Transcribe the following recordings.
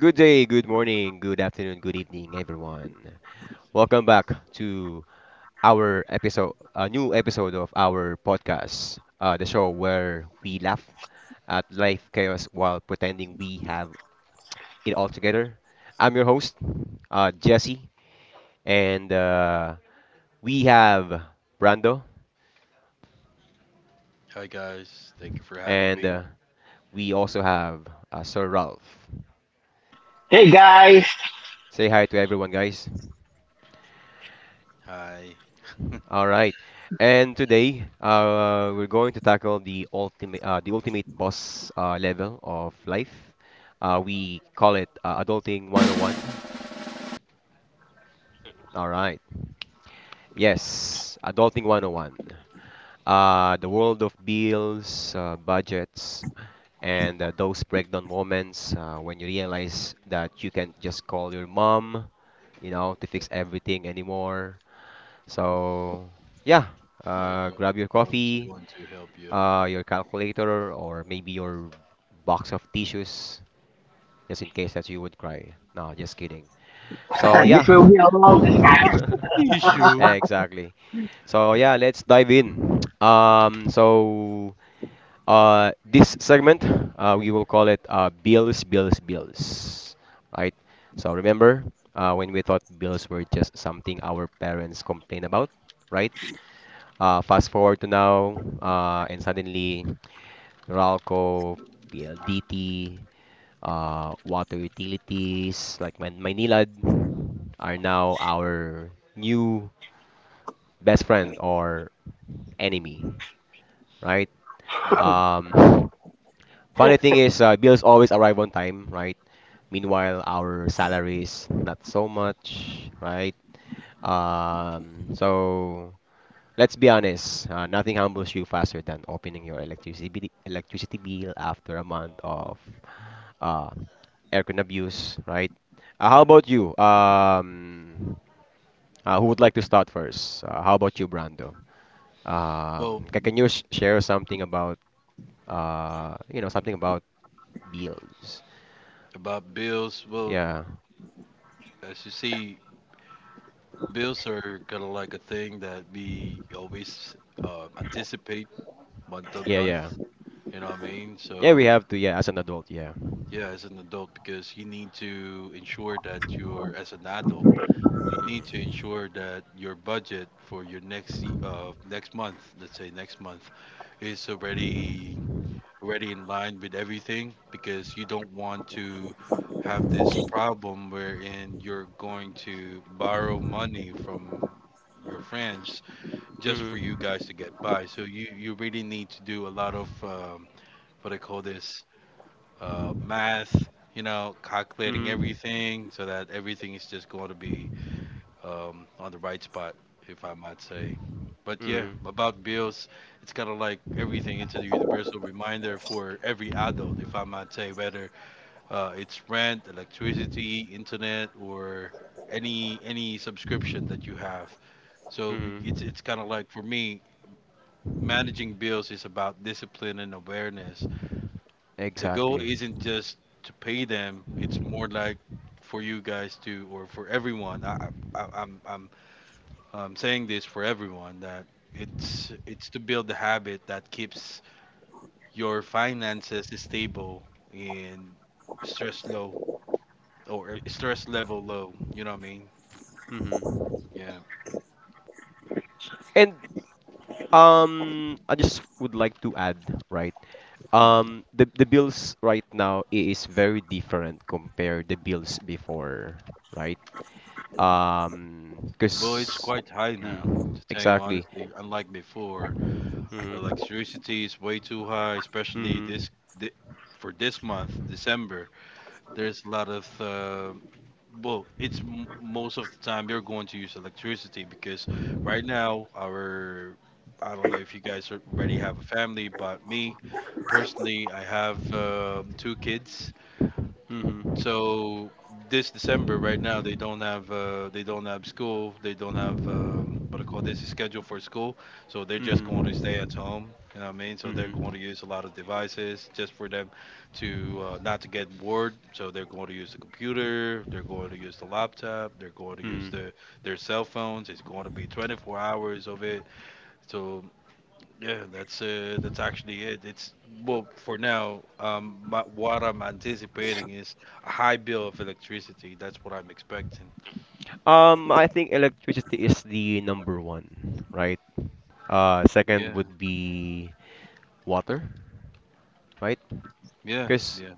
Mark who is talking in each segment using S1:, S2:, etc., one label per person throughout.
S1: Good day, good morning, good afternoon, good evening, everyone. Welcome back to our episode, a new episode of our podcast, the show where we laugh at life chaos while pretending we have it all together. I'm your host, Jesse, and we have Brando,
S2: Hi guys, thank you for having
S1: and
S2: me.
S1: we also have Sir Ralph.
S3: Hey guys,
S1: Say hi to everyone, guys.
S2: Hi,
S1: All right. And today, we're going to tackle the ultimate, boss level of life. We call it Adulting 101. All right. Yes, Adulting 101. The world of bills, budgets, and those breakdown moments when you realize that you can't just call your mom, to fix everything anymore. So, yeah,
S2: like no,
S1: grab your
S2: no one's
S1: coffee,
S2: going to help you.
S1: your calculator, or maybe your box of tissues, just in case that you would cry. No, just kidding. So
S2: Hmm.
S3: this will
S1: yeah,
S3: be a long discussion.
S2: Bakit the issue?
S1: exactly. So yeah, let's dive in. So this segment we will call it bills, bills, bills, right? So remember when we thought bills were just something our parents complain about, right? Fast forward to now, and suddenly Ralco, PLDT, water utilities like Man Maynilad are now our new best friend or enemy, right?
S2: Yeah.
S1: Um, funny thing is, bills always arrive on time, right? Meanwhile, our salaries not so much, right? So let's be honest, nothing humbles you faster than opening your electricity bill after a month of uh, aircon abuse, right? How about you? Who would like to start first? How about you, Brando?
S2: Well,
S1: Can you sh share something about something about bills?
S2: about bills. Well,
S1: Yeah,
S2: as you see, bills are kind of like a thing that we always anticipate month on
S1: yeah,
S2: month.
S1: yeah,
S2: You know what I mean?
S1: yeah. We
S2: So
S1: have to, yeah, as an adult, yeah.
S2: yeah, as an adult, because you need to ensure that you're as an adult, you need to
S1: Mm-hmm.
S2: ensure that your budget for your next month, let's say next month, is already in line with everything because you don't want to have this problem wherein you're going to borrow money from your friends just for you
S1: Mm-hmm.
S2: guys to get by. So you really need to do a lot of what I call this math. You know, calculating
S1: Mm-hmm.
S2: everything so that everything is just going to be on the right spot, if I might say. But yeah,
S1: Mm-hmm.
S2: about bills, it's kind of like everything. It's a universal reminder for every adult, if I might say, whether it's rent, electricity, internet, or any subscription that you have. So it's
S1: Mm-hmm.
S2: it's kind of like for me, managing bills is about discipline and awareness. The goal
S1: Exactly.
S2: isn't just to pay them; it's more like for you guys to, or for everyone. I I- I'm I'm I'm saying this for everyone that it's to build the habit that keeps your finances stable and stress low or stress level low. You know what I mean?
S1: Mm-hmm.
S2: Yeah.
S1: And I just would like to add, right?
S2: Hmm.
S1: The bills right now is very different compared the bills before, right?
S2: Hmm. But it's
S1: 'Cause
S2: quite high now. To tell you
S1: exactly.
S2: honestly, unlike before,
S1: Mhm.
S2: electricity is way too high, especially
S1: Mhm.
S2: thi- for this month, December. There's a lot of well, it's most of the time you're going to use electricity because right now our I don't know if you guys already have a family, but me personally, I have two kids.
S1: Mhm.
S2: So this December, right now, they don't have school. They don't have what I call this a schedule for school. So they're just going to stay
S1: Mhm.
S2: at home. You know what I mean? So they're going
S1: Mhm.
S2: to use a lot of devices just for them to not to get bored. So they're going to use the computer. They're going to use the laptop. They're going to use
S1: Mhm.
S2: their cell phones. It's going to be 24 hours of it. So yeah, that's actually it. It's well for now. But what I'm anticipating is a high bill of electricity. That's what I'm expecting.
S1: I think electricity is the number one, right? Second
S2: Yeah,
S1: would be water, right?
S2: yeah,
S1: Cause
S2: yeah.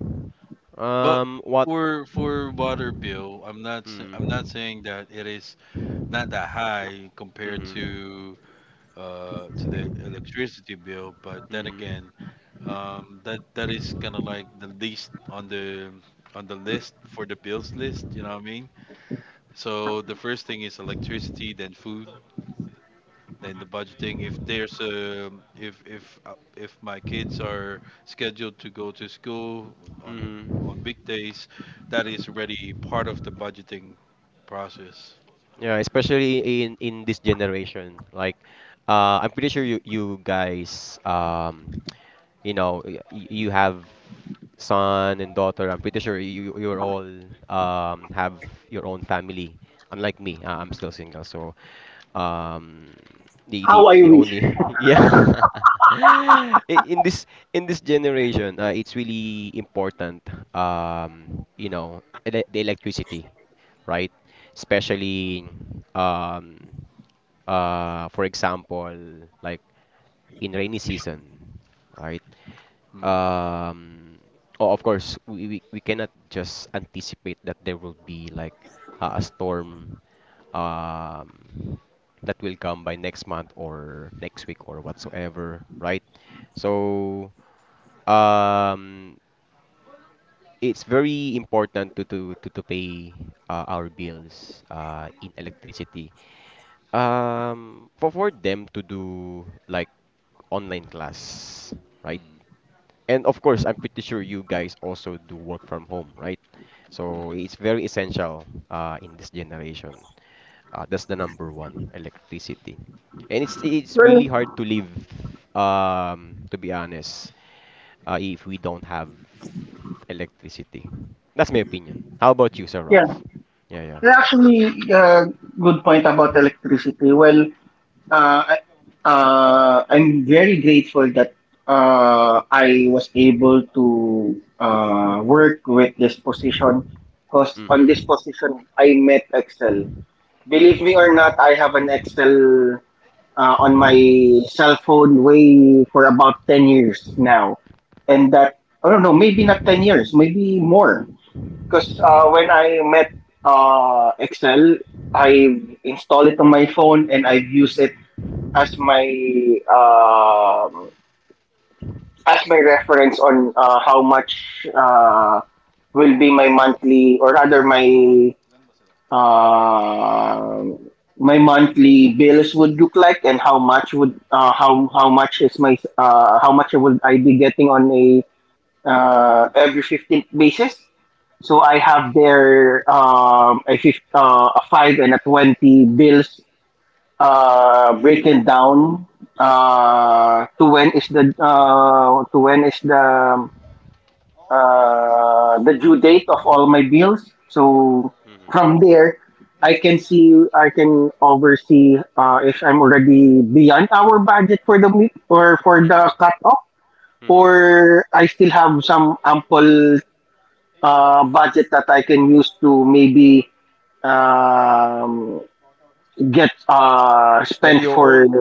S2: But
S1: what?
S2: for water bill, I'm not sa- I'm not
S1: Mm.
S2: saying that it is not that high compared
S1: Mhm.
S2: to the electricity bill. But then
S1: Mhm.
S2: again, that is kind of like the least on the list for the bills list. You know what I mean? So the first thing is electricity, then food, then the budgeting. If there's a if my kids are scheduled to go to school on
S1: Mhm.
S2: weekdays, that is already part of the budgeting process.
S1: Yeah, especially in this generation. Like, I'm pretty sure you guys, you have son and daughter. I'm pretty sure you're all have your own family. Unlike me,
S2: Hmm,
S1: I'm still single. So, um, the the
S3: How I
S1: the
S3: wish.
S1: only yeah. I- In this in this generation, it's really important. You know, ele the electricity right? Especially um, for example, like in rainy season, right?
S2: hmm,
S1: Um, oh, of course, we cannot just anticipate that there will be like a storm um, that will come by next month or next week or whatsoever, right? So um, it's very important to to pay our bills in electricity for them to do like online class, right?
S2: hmm,
S1: And of course, I'm pretty sure you guys also do work from home, right? So it's
S2: hmm,
S1: very essential in this generation. That's the number one, electricity. And it's
S2: hmm.
S1: it's really
S3: Well,
S1: hard to live, to be honest, if we don't have electricity. That's my opinion. How about you, Sir
S3: yeah,
S1: Ralph? Yeah, yeah.
S3: that's actually a good point about electricity. Well, uh, I- I'm very grateful that I was able to work with this position, because on this
S1: Mm-hmm.
S3: position I met Excel. Believe me or not, I have an Excel on my cell phone way for about 10 years now. And that, I don't know, maybe not 10 years, maybe more. Because when I met Excel, I installed it on my phone and I've used it as my um reference on how much will be my monthly, or rather my uh, my monthly bills would look like, and how much would how much is my how much would I be getting on a every 15th basis. So I
S1: Mm-hmm.
S3: have there a, a five and a 20 bills breaking down to when is the to when is the due date of all my bills. So
S1: Mm-hmm.
S3: from there, I can see, I can oversee if I'm already beyond our budget for the meet or for
S1: Mm-hmm.
S3: the cutoff,
S1: Mm-hmm.
S3: or I still have some ample budget that I can use to maybe um, get spent
S1: Y- Your
S3: for.
S1: own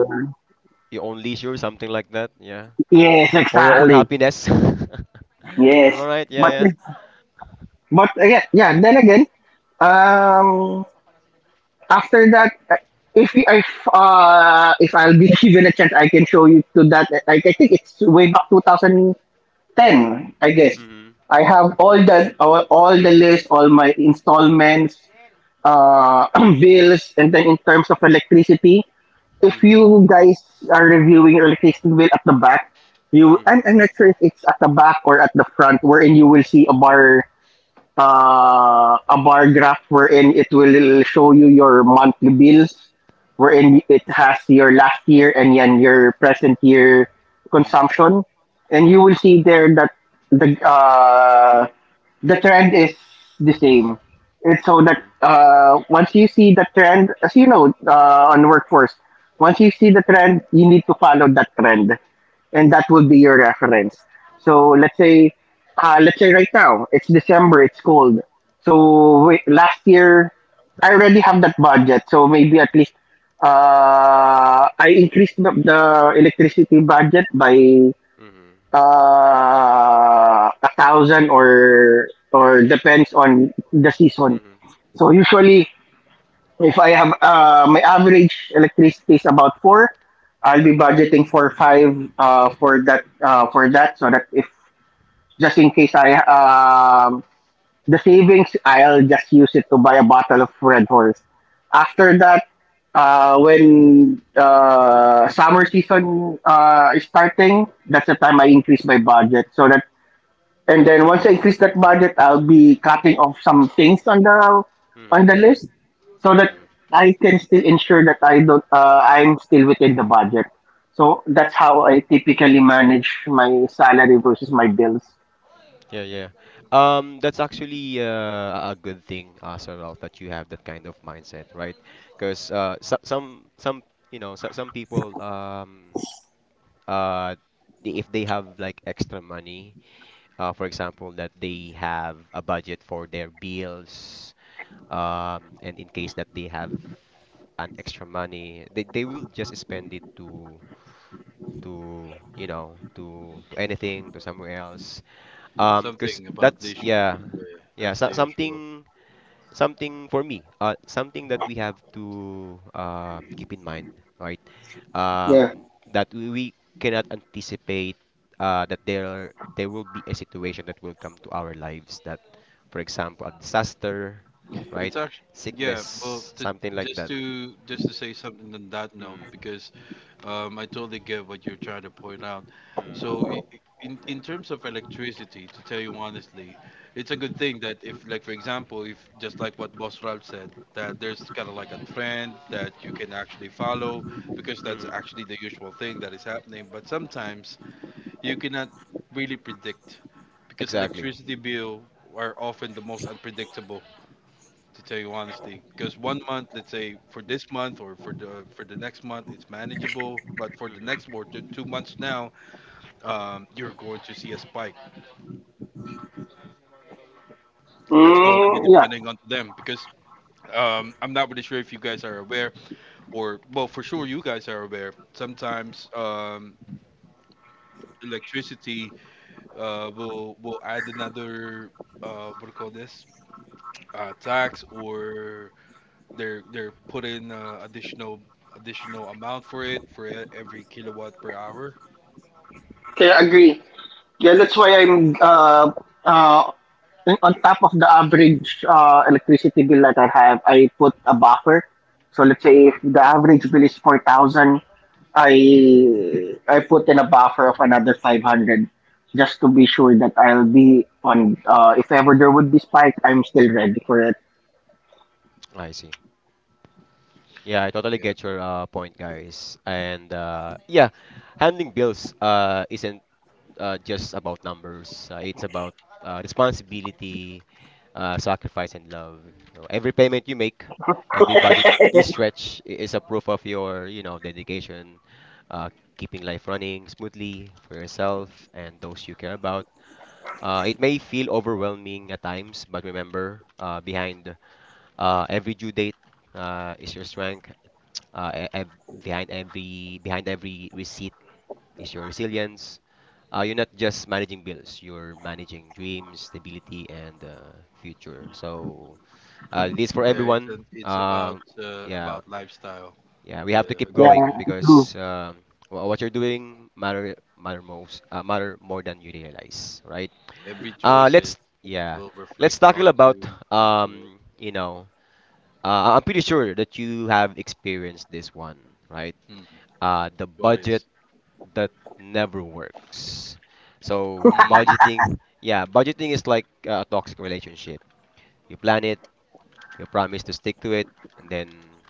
S1: your own leisure, something like that. Yeah,
S3: Yes,
S1: for your own
S3: exactly.
S1: happiness. Am
S3: Yes,
S1: I right? Yeah,
S3: but
S1: yeah.
S3: but yeah, yeah. Then again, um, after that, if you, if I'll be given a chance, I can show you to that. Like I think it's way back 2010, I guess.
S1: Mhm.
S3: I have all all the list, all my installments, uh bills, and then in terms of electricity, if
S1: Mhm.
S3: you guys are reviewing your electricity bill at the back, you
S1: Mhm.
S3: I'm not sure if it's at the back or at the front, wherein you will see
S1: Mhm.
S3: a bar graph wherein it will show you your monthly bills, wherein it has your last year and then your present year
S1: Mhm.
S3: consumption, and you will see there that the uh, the trend is the same. It's so that
S1: Mhm.
S3: once you see the trend, as you know, on workforce, once you see the trend, you need to follow that trend and that will be your reference. So let's say right now it's December, it's cold. So wait, last year I already have that budget, so maybe at least I increased the electricity budget by
S1: Mhm.
S3: a thousand or depends on the season.
S1: Mhm.
S3: So usually if I have my average electricity is about four, I'll be budgeting for five for that for that, so that if just in case I the savings, I'll just use it to buy a bottle of Red Horse. After that, when summer season is starting, that's the time I increase my budget, so that and then once I increase that budget, I'll be cutting off some things on
S1: Mhm.
S3: the list, so that
S1: Mhm.
S3: I can still ensure that I don't I'm still within the budget. So that's how I typically manage my salary versus my bills.
S1: Yeah, yeah. That's actually a good thing, Sir Ralph, that you have that kind of mindset, right? Because so, some you know so, some people uh if they have like extra money. For example, that they have a budget for their bills, and in case that they have an extra money, they will just spend it to to anything to somewhere else. 'Cause
S2: Something about
S1: that's
S2: leisure.
S1: yeah,
S2: Yeah,
S1: yeah,
S2: that's the
S1: so,
S2: usual.
S1: something for me. Something that we have to keep in mind, right?
S3: Yeah.
S1: um, that we cannot anticipate that there will be a situation that will come to our lives that for example a disaster right
S2: It's actually yeah. Well,
S1: sickness
S2: to,
S1: something like
S2: just
S1: that
S2: to say something on that note
S1: mm,
S2: because I totally get what you're trying to point out.
S1: mm,
S2: So, in in terms of electricity, to tell you honestly, it's a good thing that if, like for example, if just like what Boss Ralph said, that there's kind of like a trend that you can actually follow because that's
S1: mm,
S2: actually the usual thing that is happening. But sometimes you cannot really predict because
S1: exactly
S2: electricity bill are often the most unpredictable to tell you honestly because one month, let's say for this month or for the next month, it's manageable but for the next
S1: mm-hmm,
S2: or 2 months now, you're going to see a spike that's going to be
S3: Yeah.
S2: depending on them because I'm not really sure if you guys are aware or well for sure you guys are aware sometimes, electricity will add another what do you call this, tax or they're putting additional amount for it for every kilowatt per hour.
S3: Okay, I agree. Yeah, that's why I'm uh on top of the average electricity bill that I have, I put a buffer. So let's say if
S1: mm-hmm.
S3: the average bill is 4,000, I put in a buffer of another 500 just to be sure that I'll be on. If ever there would be spike, I'm still ready for it.
S1: I see yeah I totally
S2: Yeah.
S1: get your point guys and yeah handling bills isn't just about numbers. It's about responsibility, sacrifice, and love. So every payment you make, every
S2: Mm.
S1: budget you stretch is a proof of your, you know, dedication, uh, keeping life running smoothly for yourself and those you care about. It may feel overwhelming at times, but remember, behind every due date is your strength. Uh, e- ev- behind every receipt is your resilience. You're not just managing bills, you're managing dreams, stability, and future. So, this for
S2: Yeah, it's
S1: everyone.
S2: an, it's
S1: Yeah,
S2: about lifestyle.
S1: yeah, we have to
S2: Yeah, I
S1: keep
S2: get
S3: Yeah,
S1: going
S2: you.
S1: because what you're doing matter most matter more than you realize, right?
S2: Every choices
S1: Let's yeah,
S2: will
S1: let's
S2: reflect
S1: tackle
S2: onto
S1: about
S2: how you do it.
S1: um, you know, I'm pretty sure that you have experienced this one, right?
S2: Hmm.
S1: The
S2: What
S1: budget
S2: is?
S1: that never works. So
S2: Mm.
S1: budgeting, yeah, budgeting is like a toxic relationship. You plan it, you promise to stick to it, and then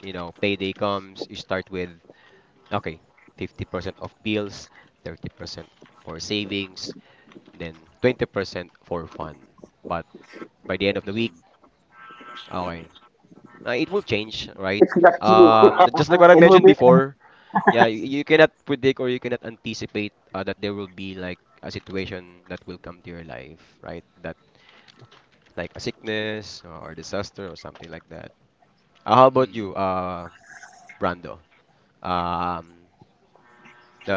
S1: you know payday comes. You start with okay, 50% of bills, 30% for savings, then 20% for fun. But by the end of the week,
S2: Mm.
S1: okay, it will change, right?
S3: it's just you.
S1: Just like what I
S3: It will
S1: mentioned
S3: be.
S1: before. Yeah, you cannot predict or you cannot anticipate that there will be like a situation that will come to your life, right? That like a sickness or disaster or something like that. How about you,
S2: Mm.
S1: Brando? Um, the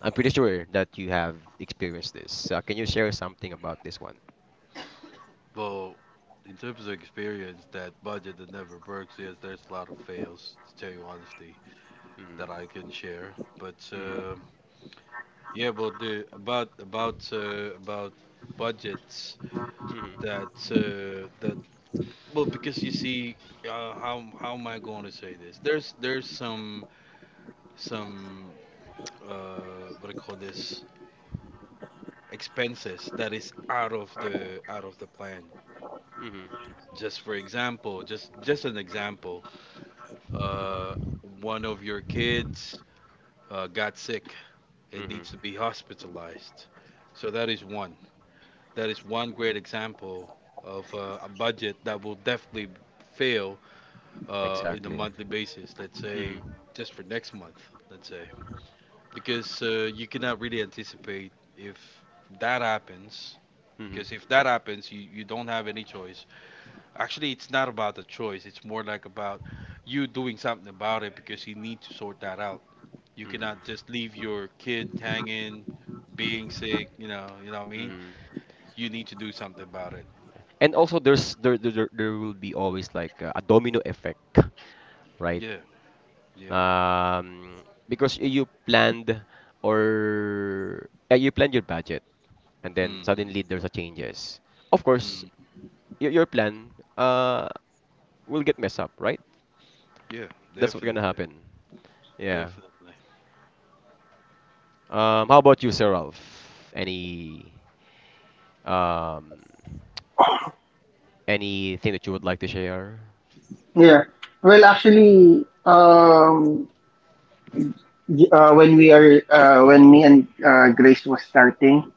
S1: I'm pretty sure that you have experienced this. Can you share something about this one?
S2: Well, in terms of experience, that budget that never works. Yes, there's a lot of fails to tell you honesty that
S1: Mm,
S2: I can share. But
S1: mm,
S2: yeah, but the about budgets
S1: mm,
S2: that that well because you see how am I going to say this? There's some some what do you call this, expenses that is out of the plan.
S1: mm,
S2: Just for example, just an example, uh, one of your kids got sick and
S1: mm.
S2: needs to be hospitalized. So that is one. That is one great example of a budget that will definitely fail in a
S1: Exactly.
S2: monthly basis. Let's say
S1: Mm,
S2: just for next month. Let's say because you cannot really anticipate if that happens.
S1: mm,
S2: Because if that happens, you don't have any choice. Actually, it's not about the choice. It's more like about you doing something about it because you need to sort that out. You
S1: mm,
S2: cannot just leave your kid hanging, being sick. You know what I mean.
S1: mm.
S2: You need to do something about it.
S1: and also there's there there, there there will be always like a domino effect right
S2: Yeah, yeah.
S1: um because you planned or you planned your budget and then
S2: Hmm.
S1: suddenly there's a changes of course
S2: Hmm.
S1: your plan uh will get messed up right
S2: Yeah,
S1: that's what's gonna
S2: definitely.
S1: happen yeah
S2: Definitely.
S1: how about you sir Ralph any um anything that you would like to share
S3: Yeah. Well, actually, when we are when me and Grace was starting,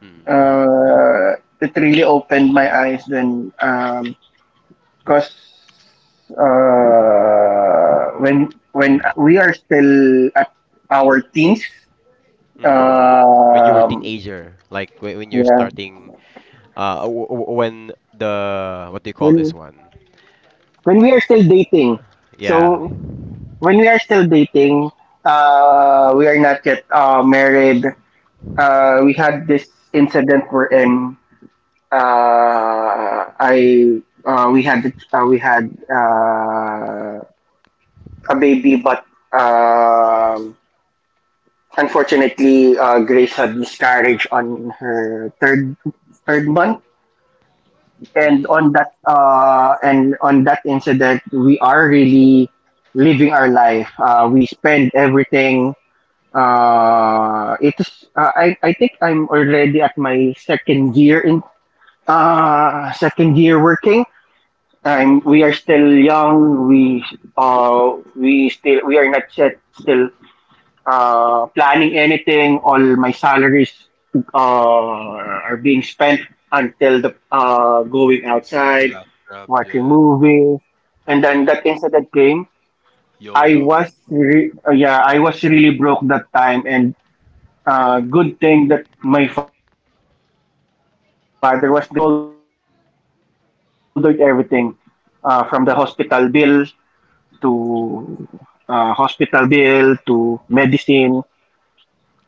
S1: mm. hmm
S3: it really opened my eyes then, cause when we are still at our teens.
S1: Mm-hmm. when you were
S3: Um,
S1: teenager like when you're
S3: yeah.
S1: starting when the what do you call this
S3: When
S1: one?
S3: when we are still dating,
S1: Yeah.
S3: so when we are still dating, we are not yet married. We had this incident wherein I we had a baby, but um unfortunately, Grace had miscarriage on her third month, and
S2: Hmm.
S3: on that incident we are really living our life, we spend everything, it's I think I'm already at my second year in second year working. I'm We are still young, we still we are not yet still planning anything. All my salaries uh, are being spent until the going
S2: The
S3: outside,
S2: last drop,
S3: watching
S2: yeah.
S3: movies, and then
S2: Yeah.
S3: that incident came.
S2: YOLO.
S3: Yeah, I was really broke that time, and good thing that my father was there. He shouldered everything from the to hospital bill to medicine.
S1: Mhm.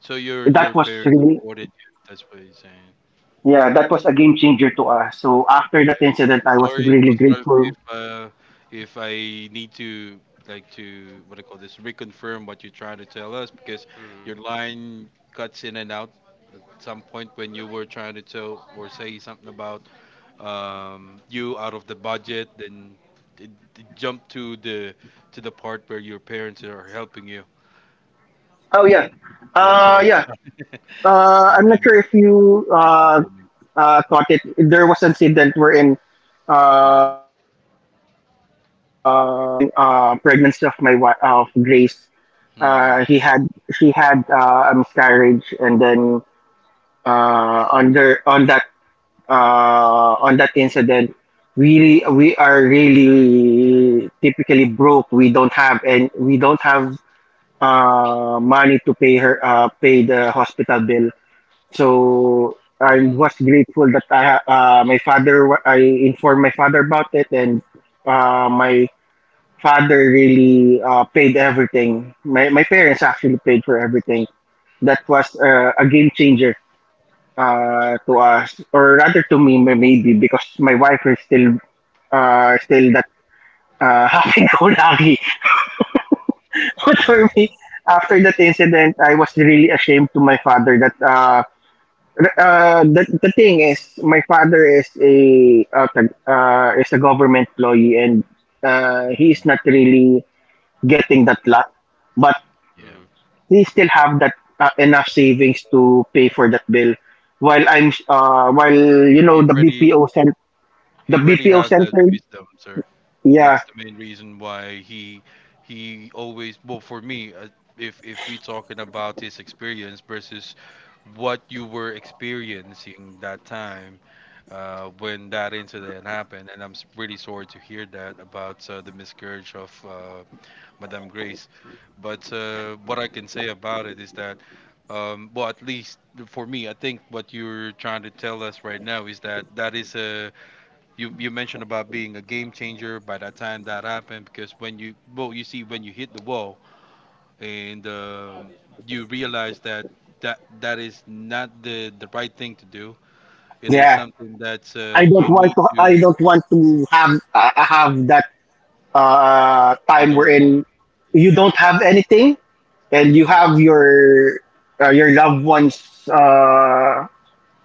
S2: So
S3: That
S2: your
S3: was really.
S2: parents supported you, that's what you're saying.
S3: Yeah, that was a game changer to us. So after
S2: Yeah.
S3: that incident, I was
S2: Sorry,
S3: really
S2: boss Ralph,
S3: grateful.
S2: if I need to like to what do you call this, reconfirm what you're trying to tell us because
S1: Mhm.
S2: your line cuts in and out at some point when you were trying to tell or say something about you out of the budget, then it, it jump to the part where your parents are helping you.
S3: Oh yeah,
S2: Yeah, sorry.
S3: yeah.
S2: I'm
S3: I'm not
S2: I'm
S3: sure if
S2: just
S3: you uh,
S2: reconfirming.
S3: uh, caught it. There was an incident wherein
S2: Mm.
S3: on the third month when pregnancy of my wife of Grace,
S2: Hmm.
S3: he had she had a miscarriage, and then uh, on the on that on that incident, we are really typically broke. We don't have money to pay her pay the hospital bill. So I
S2: Hmm.
S3: was grateful that I my I informed my father about it, and my father really paid everything. My parents actually paid for everything. That was a game changer to us, or rather to me, maybe because my wife is still that happy-go-lucky. But
S2: Yeah.
S3: for me, after that incident, I was really ashamed to my father that the thing is, my father is a is a government employee and he is
S2: Hmm.
S3: not really getting that lot, but
S2: Yeah.
S1: Mhm.
S3: he still have that enough savings to pay for that bill. While I'm while you know
S2: He
S3: the
S2: already
S3: BPO the
S2: he already
S3: BPO
S2: have that
S3: center.
S2: wisdom, sir.
S3: Yeah,
S2: That's the main reason why he always well for me. If we talking about his experience versus what you were experiencing that time, when that incident happened, and I'm really sorry to hear that about the miscarriage of Madame Grace. But what I can say about it is that, well, at least for me, I think what you're trying to tell us right now is that that is a you mentioned about being a game changer by the time that happened because when you well you see when you hit the wall and you realize that that is not the right thing to do. It is
S3: yeah.
S2: something that
S3: I don't
S2: you
S3: want
S2: need
S3: to. I
S2: to.
S3: don't want to have that
S2: You
S3: time
S2: don't want.
S3: wherein you
S2: Yeah.
S3: don't have anything and you
S2: Hmm.
S1: Mhm.
S3: have your loved ones. Uh,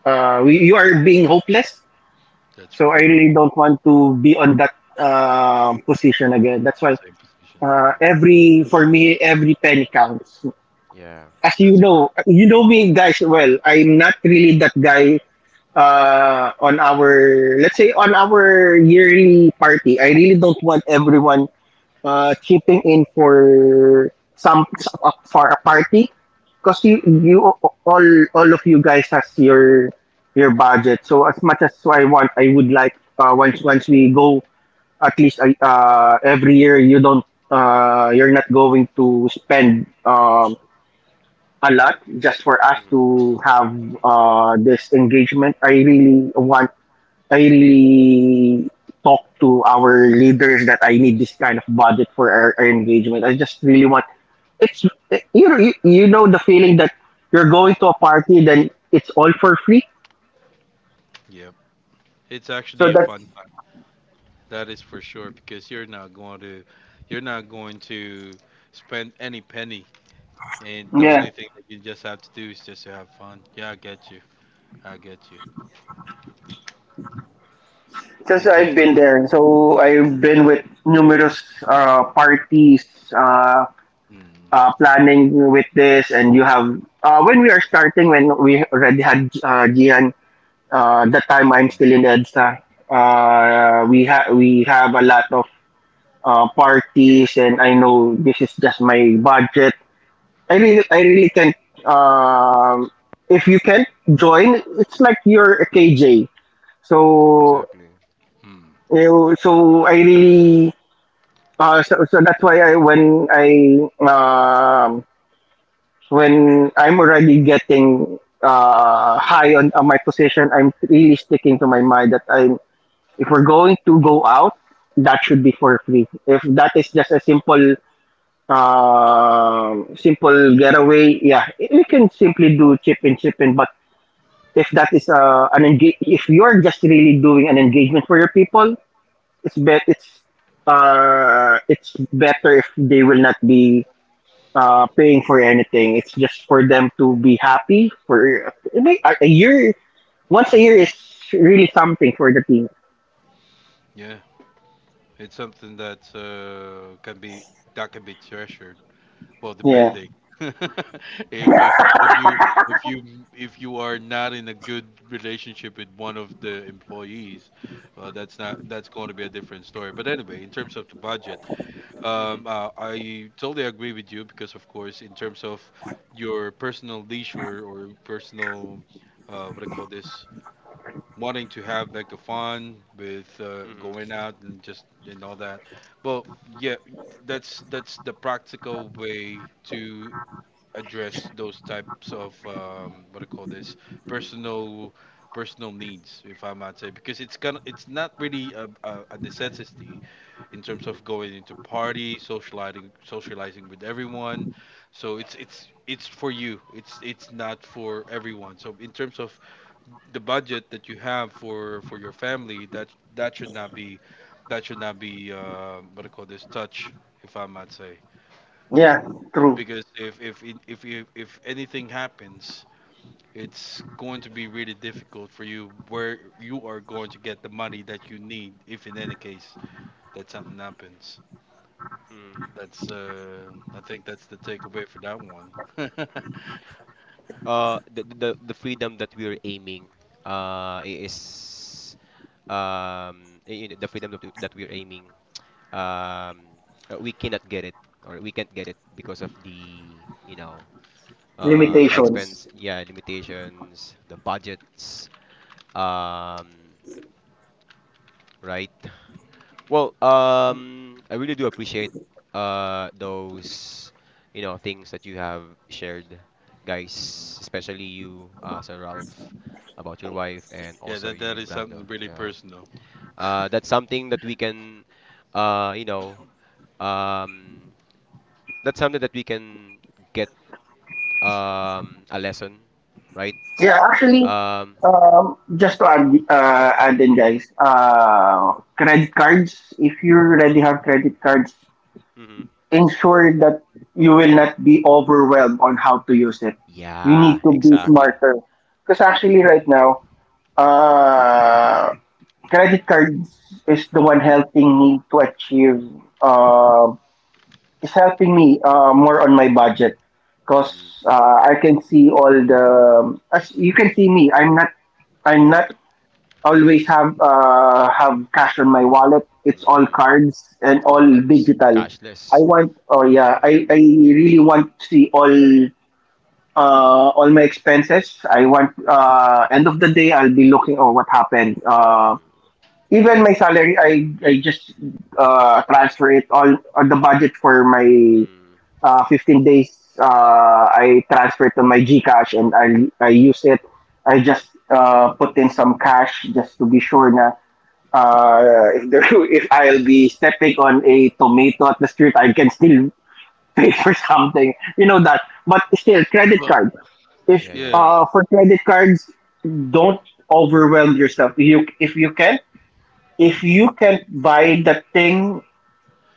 S3: you are being hopeless.
S2: That's
S3: So I
S2: right.
S1: Mhm.
S3: really
S2: Mm,
S3: don't want to be on that position again. That's why
S2: same positioning. Yeah.
S3: every, for me, every penny counts.
S1: Yeah.
S3: As
S2: That's right.
S3: you know me guys well. I'm not really that guy on our, let's say on our yearly party, I really don't want everyone chipping in for some, for a party, because
S1: Mhm.
S3: you all of you guys has your budget. So as much as I want, I would like once we go, at least every year, you don't you're not going to spend a lot just for us
S1: Mhm.
S3: to have this engagement. I really want, I really talk to our leaders that I need this kind of budget for our engagement. I just really want, it's you know, you know the feeling that you're going
S2: Yeah.
S3: to a party then it's all for free.
S2: Yep. It's actually
S3: So
S2: a fun
S3: that's
S2: time. That is for sure because you're not going to, you're not going to spend any penny, and the
S3: yeah.
S2: only thing that you just have to do is just to have fun. Yeah, I get you. I get you.
S3: Since
S2: In terms
S3: I've
S2: of.
S3: been there. So I've been with numerous parties, uh,
S2: Mm,
S3: planning with this, and you have when we already had Gian. That
S2: mm,
S3: time I'm
S2: mm,
S3: still in EDSA. We have a lot of parties, and I know this is just my budget. I really can't. Um, if you can't join, it's like you're a KJ. So
S1: Exactly.
S2: mm.
S3: you so I really that's why I, when I um, when I'm already getting high on my position, I'm really sticking to my mind that I am. If we're going to go out, that should be for free. If that is just a simple simple getaway, yeah, we can simply do chip in. But if that is if you're just really doing an engagement for your people, it's bet it's better if they will not be paying for anything. It's just for them to be happy for a year. Once a year is really something for the team.
S2: Yeah. It's something that can be that can be treasured. Well,
S3: Yeah,
S2: depending. If if if you if you are not in a good relationship with one of the employees, that's not that's going to be a different story. But anyway, in terms of the budget,
S1: Mhm.
S2: I totally agree with you because of course, in terms of your personal leisure or personal, what do you call this, wanting to have like a fun with
S1: Mhm.
S2: going out and just and all that. Well, yeah, that's the practical way to address those types of what I call this personal personal needs, if I might say, because it's gonna it's not really a, a necessity in terms of going into party, socializing with everyone. So it's for you. It's not for everyone. So in terms of the budget that you have for your family, that should not be what I call this touch, if I might say
S3: yeah, true.
S2: because if anything happens it's going to be really difficult for you where you are going to get the money that you need if in any case that something happens.
S1: Mhm.
S2: That's I think that's the takeaway for that one.
S1: The freedom that we're aiming is the freedom that we're aiming um we cannot get it or we can't get it because of the you know
S3: Limitations.
S1: expense yeah limitations the budgets um right? Well, I really do appreciate those you know things that you have shared, guys,
S2: Mhm.
S1: especially you, Sir Ralph, about your wife, and
S2: Yeah,
S1: also
S2: that
S1: you,
S2: is
S1: Brando.
S2: something really
S1: Yeah,
S2: personal.
S1: that's something that we can, you know, um, that's something that we can get a lesson, right?
S3: Yeah, actually,
S1: Um,
S3: just to add,
S1: mm,
S3: guys, credit cards, if you already have credit cards,
S1: mhm.
S3: ensure that you will not be overwhelmed on how to use it. You need
S1: Yeah,
S3: to be
S1: exactly.
S3: smarter. Because actually, right now, uh, credit cards is the one helping me to achieve um is helping me more on my budget, because
S1: Mm,
S3: I can see all the, as you can see me, I'm not always have cash on my wallet, it's all
S1: mm,
S3: cards and
S1: all
S3: all
S1: cards,
S3: digital. I
S1: cashless.
S3: want, oh
S1: Yeah.
S3: yeah, I really want to see all my expenses. I want end of the day I'll be looking, oh what happened,
S1: Mm,
S3: even my salary I just transfer it all on the budget for my
S1: mm.
S3: 15 days, I transferred to my GCash and I use it. I just put in some cash just to be sure na if, there, if I'll be stepping on a tomato at the street, I can still pay for something. You know that. But still, credit
S2: Well,
S3: card. If
S1: Yeah, yeah.
S2: yeah.
S3: For credit cards, don't overwhelm yourself. You if you can buy that thing,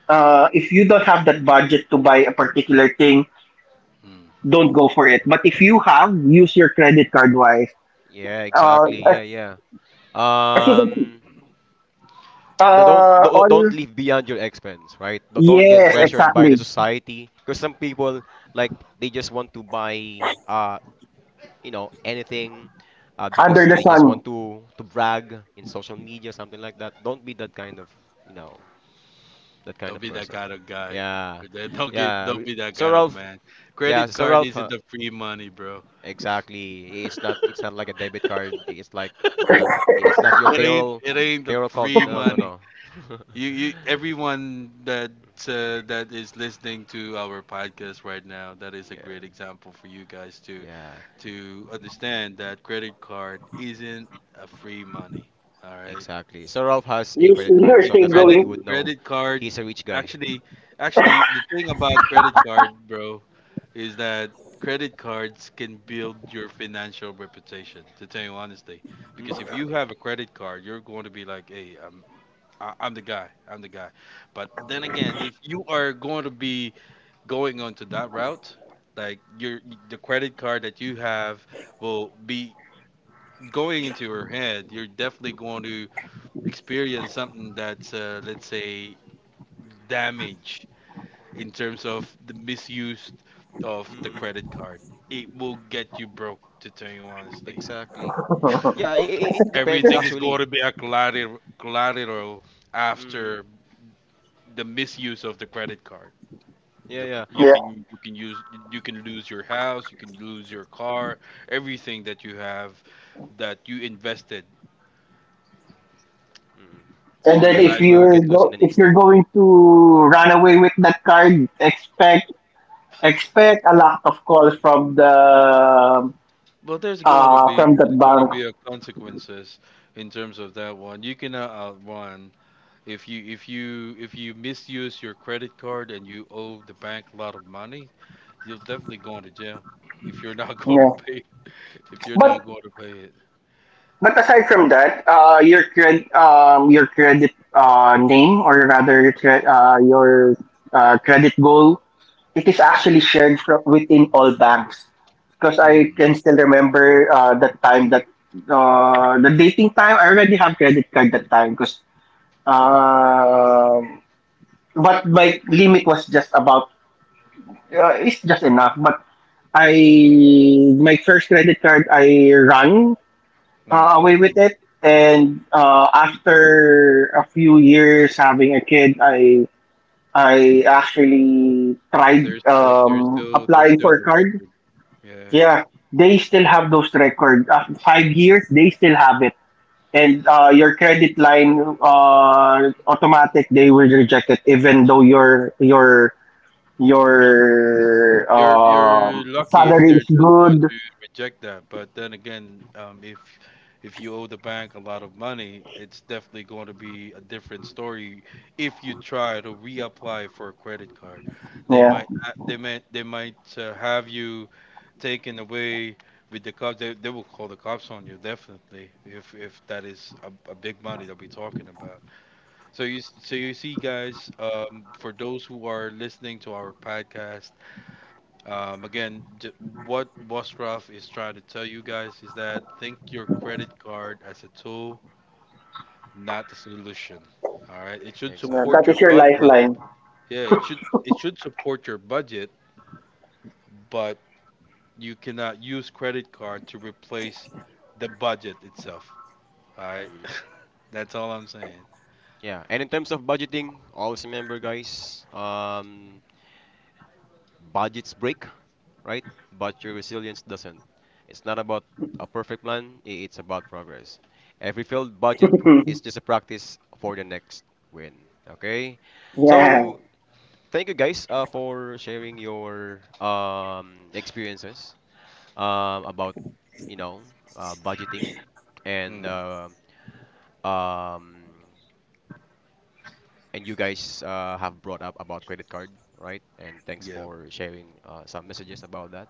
S3: if you don't have that budget to buy a particular thing,
S2: Mm.
S3: don't go for it. But if you have, use your credit card wise.
S1: Yeah,
S3: Uh,
S1: exactly.
S3: as,
S1: Yeah, yeah.
S3: as you can see,
S1: Um,
S3: uh,
S1: don't
S3: all,
S1: live beyond your expense, right? Don't get
S3: yes,
S2: Cred-
S1: pressured by the
S3: exactly.
S2: cre-
S1: society because some people like they just want to buy you know, anything
S3: Under
S1: because
S3: the
S2: mm.
S1: they just
S3: sun.
S1: want to brag in social media, something like that. Don't be that kind of, you know, that kind
S2: Don't
S1: of
S2: be that
S1: person.
S2: kind of guy.
S1: Yeah.
S2: But then don't get,
S1: Yeah.
S2: don't
S1: Re-
S2: be that
S1: So
S2: kind of
S1: Ralph,
S2: man.
S1: yeah,
S2: Credit
S1: so
S2: card
S1: Ralph,
S2: isn't the free money, bro.
S1: Exactly. It's not like a debit card. Not it's not your
S2: It ain't the
S1: payroll call.
S2: free
S1: No, no,
S2: money.
S1: no.
S2: You, everyone that that is listening to our podcast right now, that is a great
S1: Yeah.
S2: example for you guys to
S1: Yeah,
S2: understand that credit card isn't a free money. All right.
S1: exactly. So Ralph has a
S3: Use,
S1: credit card,
S3: you're
S2: A
S1: so
S3: still
S1: that's how
S2: credit
S1: you would
S3: going.
S1: know
S2: credit card
S1: he's a rich guy.
S2: actually actually, the thing about credit card, bro, is that credit cards can build your financial reputation, to tell you honestly. Because if
S1: Mhm.
S2: you have a credit card, you're going to be like, hey, I'm the guy. I'm the guy. But then
S1: Mm.
S2: again, if you are going to be going onto that route, like your the credit card that you have will be going into your head. You're definitely going to experience something that's let's say damage in terms of the misuse of the
S1: Mhm.
S2: credit card. It will get you broke, to tell you honestly.
S1: Exactly. Yeah, it depends
S2: Everything is going
S1: actually.
S2: to be a collateral
S1: Mm.
S2: after the misuse of the credit card.
S1: Yeah,
S2: Look,
S1: yeah.
S3: Yeah.
S2: you can lose your house, you can lose your car, everything that you have that you invested
S1: Mm.
S3: And
S2: for
S3: then
S1: It
S2: your
S3: if
S1: it will
S2: lifetime.
S3: you're
S1: get lost in
S3: go,
S1: an
S3: if you're
S1: instant.
S3: going to run away with that card, expect a lot of calls from the
S2: Well,
S3: from
S2: there's
S3: that
S2: going to
S3: bank.
S2: be a consequences in terms of that one. You cannot outrun if you if you misuse your credit card and you owe the bank a lot of money, you're definitely going to jail if you're not going to
S3: Yeah.
S2: pay it, if you're not
S3: But
S2: going to pay it.
S3: But aside from that, your credit name, or rather your your credit goal, it is actually shared from within all banks. Because I
S2: Hmm.
S3: can still remember the time that the dating time, I already have credit card that time. Because uh, but my limit was just about it's just enough. But I,
S2: Hmm.
S3: my first credit card, I ran
S2: Hmm.
S3: away with it. And after a few years having a kid, I actually tried
S2: There's
S3: applying
S2: still
S3: for
S2: the
S3: card.
S2: record. Yeah.
S3: Yeah, they still have those records. After 5 years, they still have it. And your credit line automatic, they will reject it, even though your
S2: You're lucky if
S3: salary
S2: they're
S3: is
S2: just going
S3: good.
S2: to reject that. But then again, if you owe the bank a lot of money, it's definitely going to be a different story. If you try to reapply for a credit card, they
S3: Yeah,
S2: might a- they might have you taken away with the cops. They will call the cops on you definitely if that is a big money that we're talking about. So you so you see guys, for those who are listening to our podcast, again, what Boscroft is trying to tell you guys is that think your credit card as a tool, not a solution. All right, it should
S3: yeah, that
S2: support
S1: Exactly.
S2: your
S3: is your
S2: budget.
S3: lifeline.
S2: Yeah,
S1: Mm.
S2: it should support your budget, but you cannot use credit card to replace the budget itself. All right.
S1: Mm.
S2: That's all I'm saying.
S1: Yeah, and in terms of budgeting, always remember, guys, budgets break, right? But your resilience doesn't. It's not about a perfect plan, it's about progress. Every failed budget is just a practice for the next win. Okay?
S2: Yeah.
S3: Yeah,
S1: So, thank you guys for sharing your experiences about, you know, budgeting and
S2: mm,
S1: uh, um, and you guys have brought up about credit card, right? And thanks
S2: yeah,
S1: for sharing some messages about that.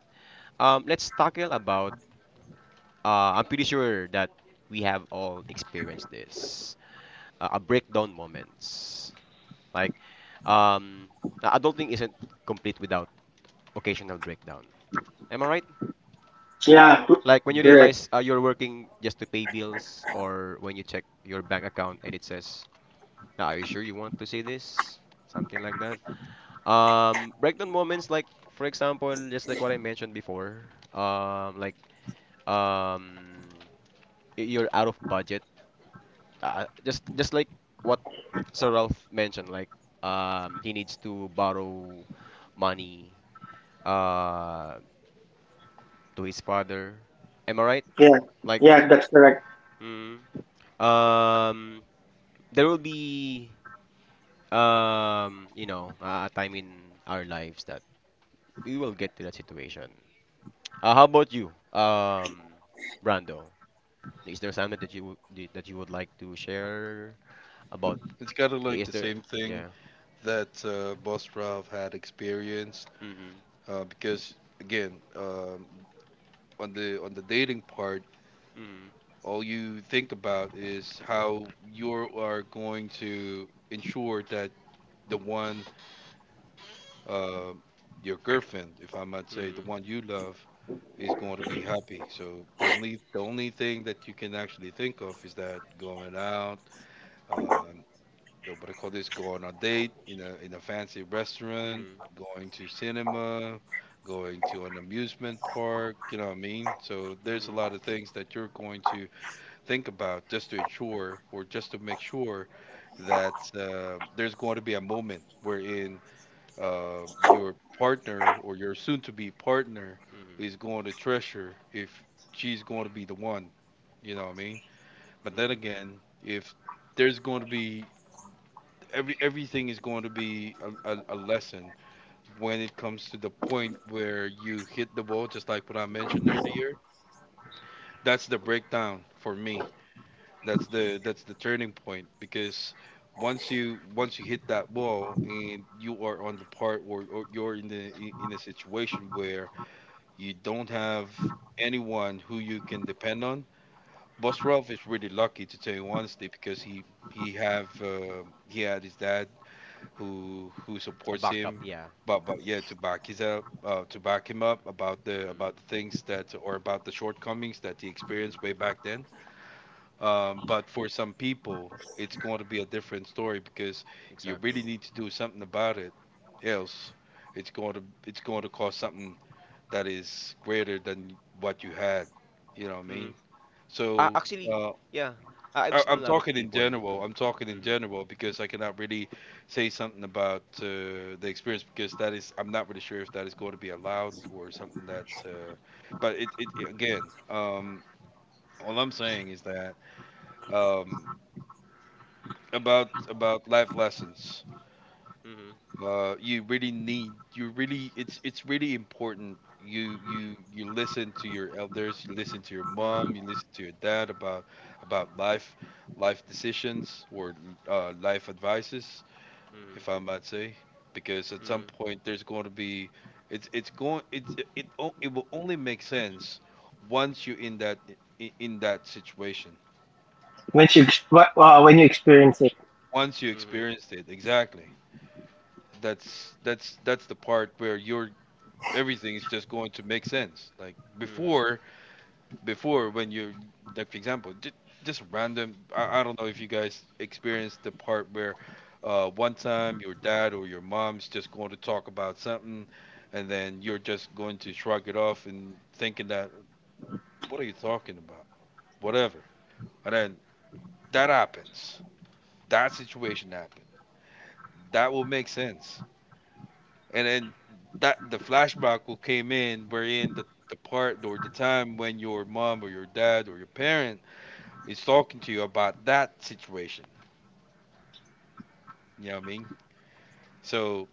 S1: Let's tackle about. I'm pretty sure that we have all experienced this. A breakdown moments. Like, um, adulting isn't complete without occasional breakdown. Am I right?
S3: yeah,
S1: Like when you
S2: yeah,
S3: you're.
S1: realize you're working just to pay bills, or when you check your bank account and it says, "Now, are you sure you want to see this?" Something like that. Breakdown moments like, for example, just like what I mentioned before. Um, you're out of budget, just like what Sir Ralph mentioned. Like, he needs to borrow money uh, to his father. Am I right?
S3: Yeah,
S1: Like,
S3: yeah, that's correct.
S1: mm, um, there will be, a time in our lives that we will get to that situation. How about you, Brando? Is there something that you would like to share about
S2: it's kind of
S1: the
S2: like the
S1: Easter?
S2: same thing
S1: Yeah.
S2: that Boss had experienced,
S1: Mm-hmm.
S2: because again, on the dating part,
S1: Mm-hmm.
S2: all you think about is how you are going to ensure that the one, uh, your girlfriend, if I might say, the one you love is going to be happy. So the only thing that you can actually think of is that going out, uh, yo, what they call this? Go on a date in a fancy restaurant,
S1: Mm-hmm.
S2: going to cinema, going to an amusement park. You know what I mean? So there's a
S1: Mm-hmm.
S2: lot of things that you're going to think about just to ensure or just to make sure that there's going to be a moment wherein uh, your partner or your soon-to-be partner
S1: Mm-hmm.
S2: is going to treasure if she's going to be the one. You know what I mean? But then
S1: Mm-hmm.
S2: again, if there's going to be everything is going to be a lesson when it comes to the point where you hit the ball, just like what I mentioned earlier. That's the breakdown for me. That's the turning point, because once you hit that ball and you are on the part or you're in the in a situation where you don't have anyone who you can depend on. Boss Ralph is really lucky, to tell you honestly, because he have uh, he had his dad who
S1: A
S2: supports him,
S1: backup, yeah.
S2: but yeah, to back his up, to back him up about the
S1: Mm-hmm.
S2: things that or about the shortcomings that he experienced way
S1: Mm-hmm.
S2: back then. But for some people, it's going to be a different story, because you really
S1: Exactly.
S2: need to do something about it, else it's going to cause something that is greater than what you had. You know what I
S1: Mm-hmm.
S2: mean? So
S1: Actually,
S2: uh,
S1: yeah. I've seen a
S2: I'm
S1: lot of
S2: talking in
S1: people.
S2: general.
S1: Mm.
S2: I'm talking in
S1: Mm-hmm.
S2: general because I cannot really say something about the experience, because that is, I'm not really sure if that is going to be allowed or something that. But again, all I'm saying is that, um, about life lessons. You really need, you really, it's really important, you listen to your elders, you listen to your mom,
S1: Mm-hmm.
S2: you listen to your dad about life decisions or, life advices,
S1: Mm-hmm.
S2: if I might say, because at some
S1: Mm-hmm.
S2: point, there's going to be, it's going it's it it, o- it will only make sense once you're in in that situation,
S3: Once you ex- wh- when you experience it.
S2: once you
S1: Mm-hmm.
S2: experienced it. Exactly. That's the part where you're, everything is just going to make sense. Like
S1: Mm-hmm. Mm-hmm.
S2: before, when you're, like for example, just random. I don't know if you guys experienced the part where, one time your dad or your mom's just going to talk about something, and then you're just going to shrug it off and thinking that, what are you talking about? Whatever. And then that happens. That situation happened. That will make sense, and then that, the flashback will came in, wherein the part or the time when your mom or your dad or your parent is talking to you about that situation. You know what I mean? So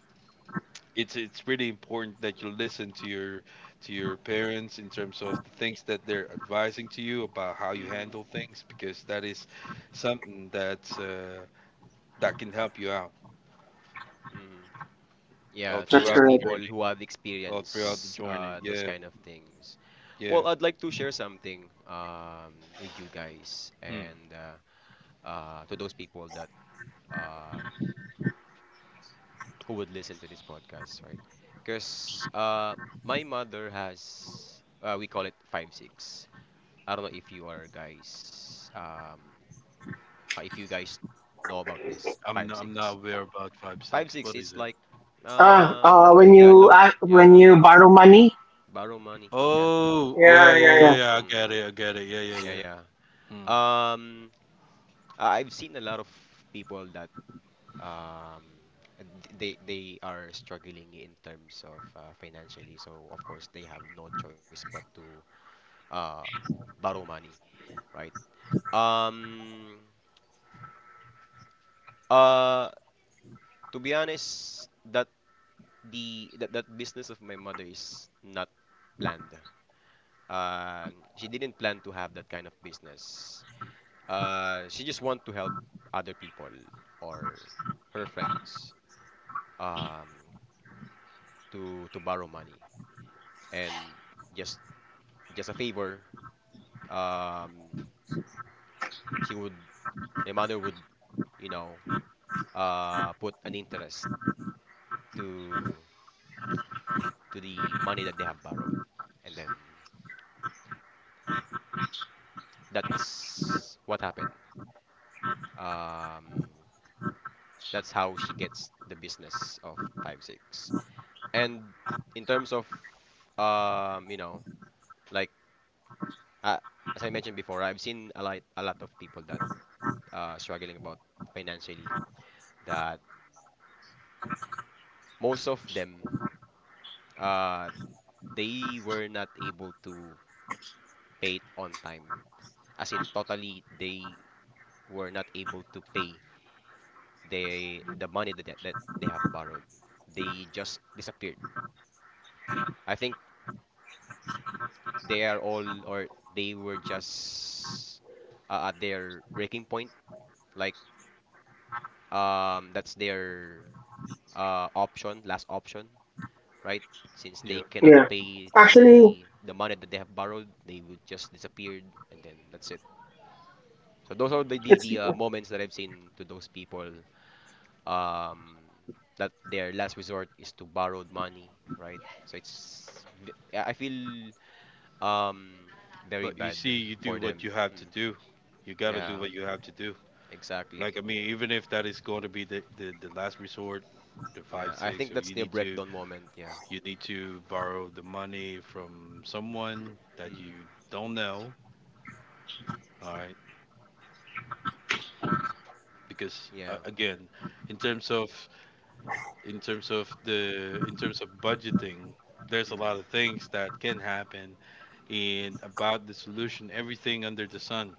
S2: it's really important that you listen to your parents in terms of the things that they're advising to you about how you
S1: Mm-hmm.
S2: handle things, because that is something that's that can help you out
S1: Mm-hmm.
S2: all
S1: Yeah, to
S3: That's
S1: those
S2: throughout the
S3: correct.
S1: people
S2: journey.
S1: who have
S2: All throughout the
S1: experienced
S2: journey.
S1: those
S2: Yeah,
S1: kind of things.
S2: yeah.
S1: Well, I'd like to share something with you guys,
S2: Hmm.
S1: and to those people that, um, who would listen to this podcast, right? Because my mother has, we call it 5-6. I don't know if you are guys, if you guys know about this five
S2: I'm not
S1: six.
S2: aware about five
S1: Five
S2: six. What
S1: six,
S2: is
S1: it's
S2: it?
S1: like,
S3: Ah,
S1: yeah, loan,
S3: when
S1: yeah,
S3: you borrow money.
S1: borrow money, yeah,
S2: Oh, yeah,
S3: Yeah,
S2: yeah,
S3: yeah, yeah,
S2: yeah, yeah. I get
S1: mm,
S2: it. I get it. Yeah, yeah,
S1: yeah,
S2: yeah.
S1: yeah.
S2: Mm,
S1: Um, I've seen a lot of people that, um, they are struggling in terms of, financially, so of course they have no choice but to uh, borrow money, right? Um, uh, to be honest, that business of my mother is not planned. She didn't plan to have that kind of business. She just want to help other people or her friends um, to borrow money, and just just a favor. Um, she would, my mother would, you know put an interest to the money that they have borrowed. And then that's what happened. Um, that's how she gets the business of 5-6. And in terms of, um, you know, like uh, as I mentioned before, I've seen a lot of people that, struggling about financially. That most of them, uh, they were not able to pay it on time. As in, totally, they were not able to pay the money that, they have borrowed. They just disappeared. I think they are all, or they were just, at their breaking point. Like, that's their, option, last option, right? Since they
S2: yep.
S1: cannot
S3: yeah.
S1: pay
S3: Actually,
S1: the money that they have borrowed, they would just disappeared, and then that's it. So those are the
S2: Hmm.
S3: it's,
S1: moments that I've seen, to those people, um, that their last resort is to borrowed money, right? So it's I feel, um, very
S2: But you
S1: bad
S2: see, you
S1: for
S2: do what you
S1: them.
S2: have to
S1: Mm.
S2: do. You gotta do
S1: Yeah,
S2: what you have to do. Like
S1: exactly.
S2: I mean, even if that is going to be the, the last resort, the five
S1: Yeah, I
S2: six,
S1: think
S2: or
S1: that's
S2: you
S1: their
S2: need to
S1: breakdown moment. Yeah.
S2: borrow the money from someone that
S1: Mm.
S2: you don't know. All right, because,
S1: Yeah.
S2: again, in terms of in terms of the in terms of budgeting, there's a lot
S1: Mm.
S2: of things that can happen, and about the solution, everything under the sun.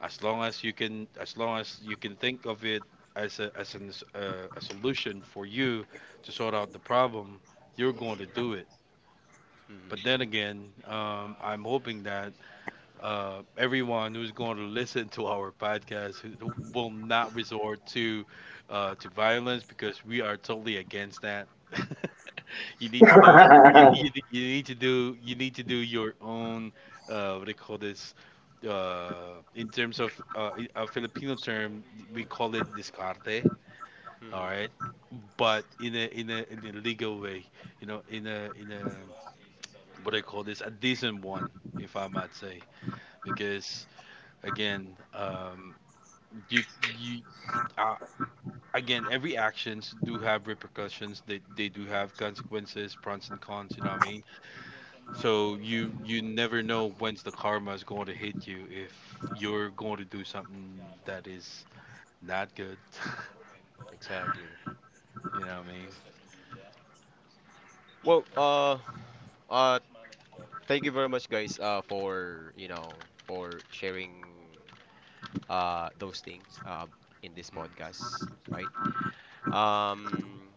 S2: As long as you can think of it as a as an, a solution for you to sort out the problem, you're going to do it.
S1: Mm.
S2: But then again, I'm hoping that, everyone who's going to listen to our podcast who will not resort to violence, because we are totally against that. You need to do you, you need to do, you need to do your own, what do you call this, in terms of, a Filipino term we call it discarte.
S1: Mm.
S2: All
S1: Mm.
S2: right, but in a legal way, you know, in a what do I call this, a decent one, if I might say, because again, you you uh, again, every actions do have repercussions. They do have
S1: Mm.
S2: consequences, pros and cons. You know what I mean? So you never know when's the karma is going to hit you if you're going to do something that is not good.
S1: Exactly.
S2: You know what I mean?
S1: Well, uh, thank you very much, guys, for you know for sharing those things in this
S2: Hmm.
S1: podcast, right? Um,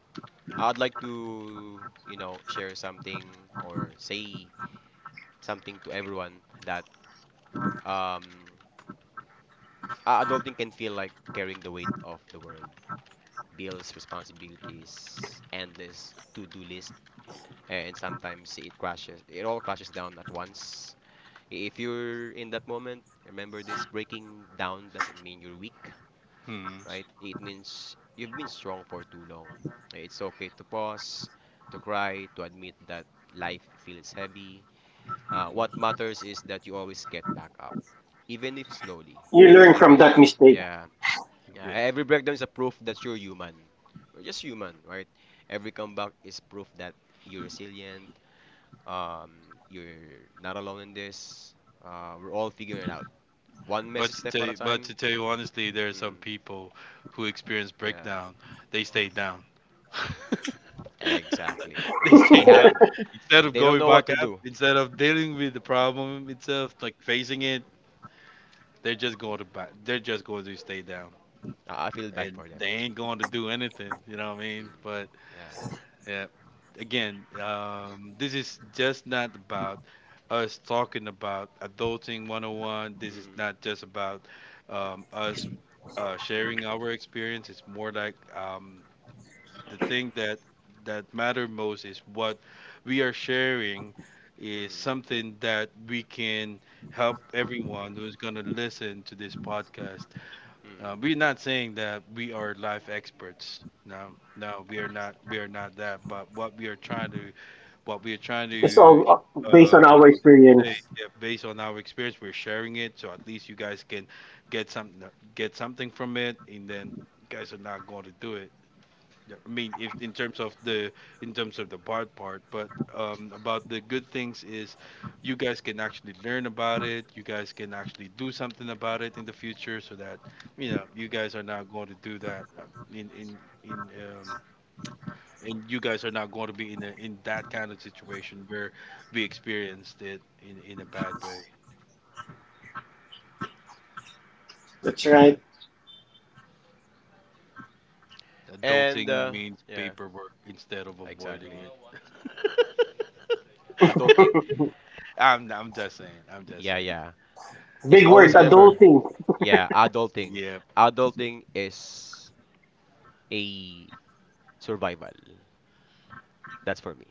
S1: I'd like to, you know, share something or say something to everyone, that, um, adulting can feel like carrying the weight of the world. Bills, responsibilities, endless to-do list, and sometimes it crashes. It all crashes down at once. If you're in that moment, remember this: breaking down doesn't mean you're weak,
S2: Hmm.
S1: right? It means you've been strong for too long. It's okay to pause, to cry, to admit that life feels heavy.
S2: Hmm. Hmm,
S1: What matters is that you always get back up, even if slowly.
S3: you learn from that
S1: Even,
S3: mistake.
S1: yeah, yeah,
S2: yeah.
S1: every breakdown is a proof that you're human. We're just human, right? Every comeback is proof that you're resilient. You're not alone in this. We're all figuring it out, one messy step at a
S2: But
S1: time.
S2: to tell you honestly, there are some
S1: Mm,
S2: people who experience
S1: yeah,
S2: breakdown. They stay down.
S1: exactly.
S2: They stay
S1: They have
S2: down instead of
S1: They don't
S2: going
S1: know what
S2: back
S1: to
S2: up.
S1: do.
S2: Instead of dealing with the problem itself, like facing it,
S1: Mm.
S2: they're just going to back. They're just going to stay down,
S1: I feel bad
S2: and
S1: for them.
S2: they ain't going to do anything. You know what I mean?
S1: Mm.
S2: But
S1: Yeah.
S2: yeah, again, this is just not about us talking about Adulting 101. This is
S1: Mm-hmm.
S2: not just about, us,
S1: Mm-hmm.
S2: sharing our experience. It's more like, the thing that matter most is what we are sharing is
S1: Mm-hmm.
S2: something that we can help everyone who's going to listen to this podcast. We're
S1: Mm-hmm.
S2: not saying that we are life experts. No, no, we are not. We are not that. But what we are trying
S3: It's
S2: to,
S3: all based on
S2: what
S3: our
S2: I call this to say,
S3: experience.
S2: yeah, based on our experience, we're sharing it, so at least you guys can get something, from it, and then you guys are not going to do it. Yeah, I mean, if in terms of the bad part, but, about the good things is, you guys can actually learn about it. You guys can actually do something about it in the future, so that you know you guys are not going to do that, in and you guys are not going to be in that kind of situation where we experienced it in a bad way.
S3: That's right.
S1: And
S2: Adulting means
S1: yeah,
S2: paperwork instead of
S1: exactly.
S2: avoiding it.
S1: Adulting.
S2: I'm just saying. I'm just
S1: Yeah,
S2: saying.
S1: yeah.
S3: Big
S1: Just
S3: word,
S1: always remember,
S3: adulting.
S1: yeah, adulting.
S2: Yep,
S1: Adulting is a survival. That's for me.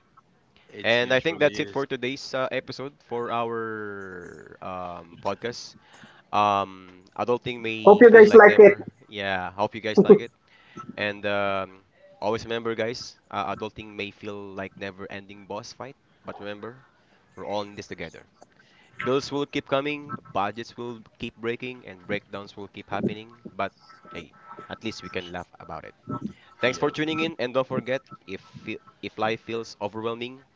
S2: it's
S1: And I think that's
S2: usually
S1: it
S2: is.
S1: for today's episode for our, podcast. Adulting
S3: Hope
S1: may
S3: you
S1: feel
S3: guys
S1: like
S3: like it.
S1: never. Yeah, hope you guys like it. And, always remember, guys, adulting may feel like never-ending boss fight, but remember, we're all in this together. Bills will keep coming, budgets will keep breaking, and breakdowns will keep happening. But hey, at least we can laugh about it. Thanks for
S2: Yep,
S1: tuning in, and don't forget, if life feels overwhelming,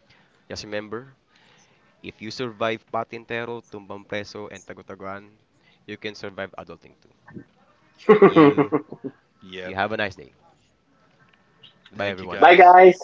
S1: just remember, if you survive Patintero, Tumbang Preso, and Tagutaguan, you can survive adulting too.
S2: yep,
S1: You you
S2: yep.
S1: have a nice day. Bye,
S2: Thank you
S1: everyone.
S3: Bye,
S2: guys.
S3: guys.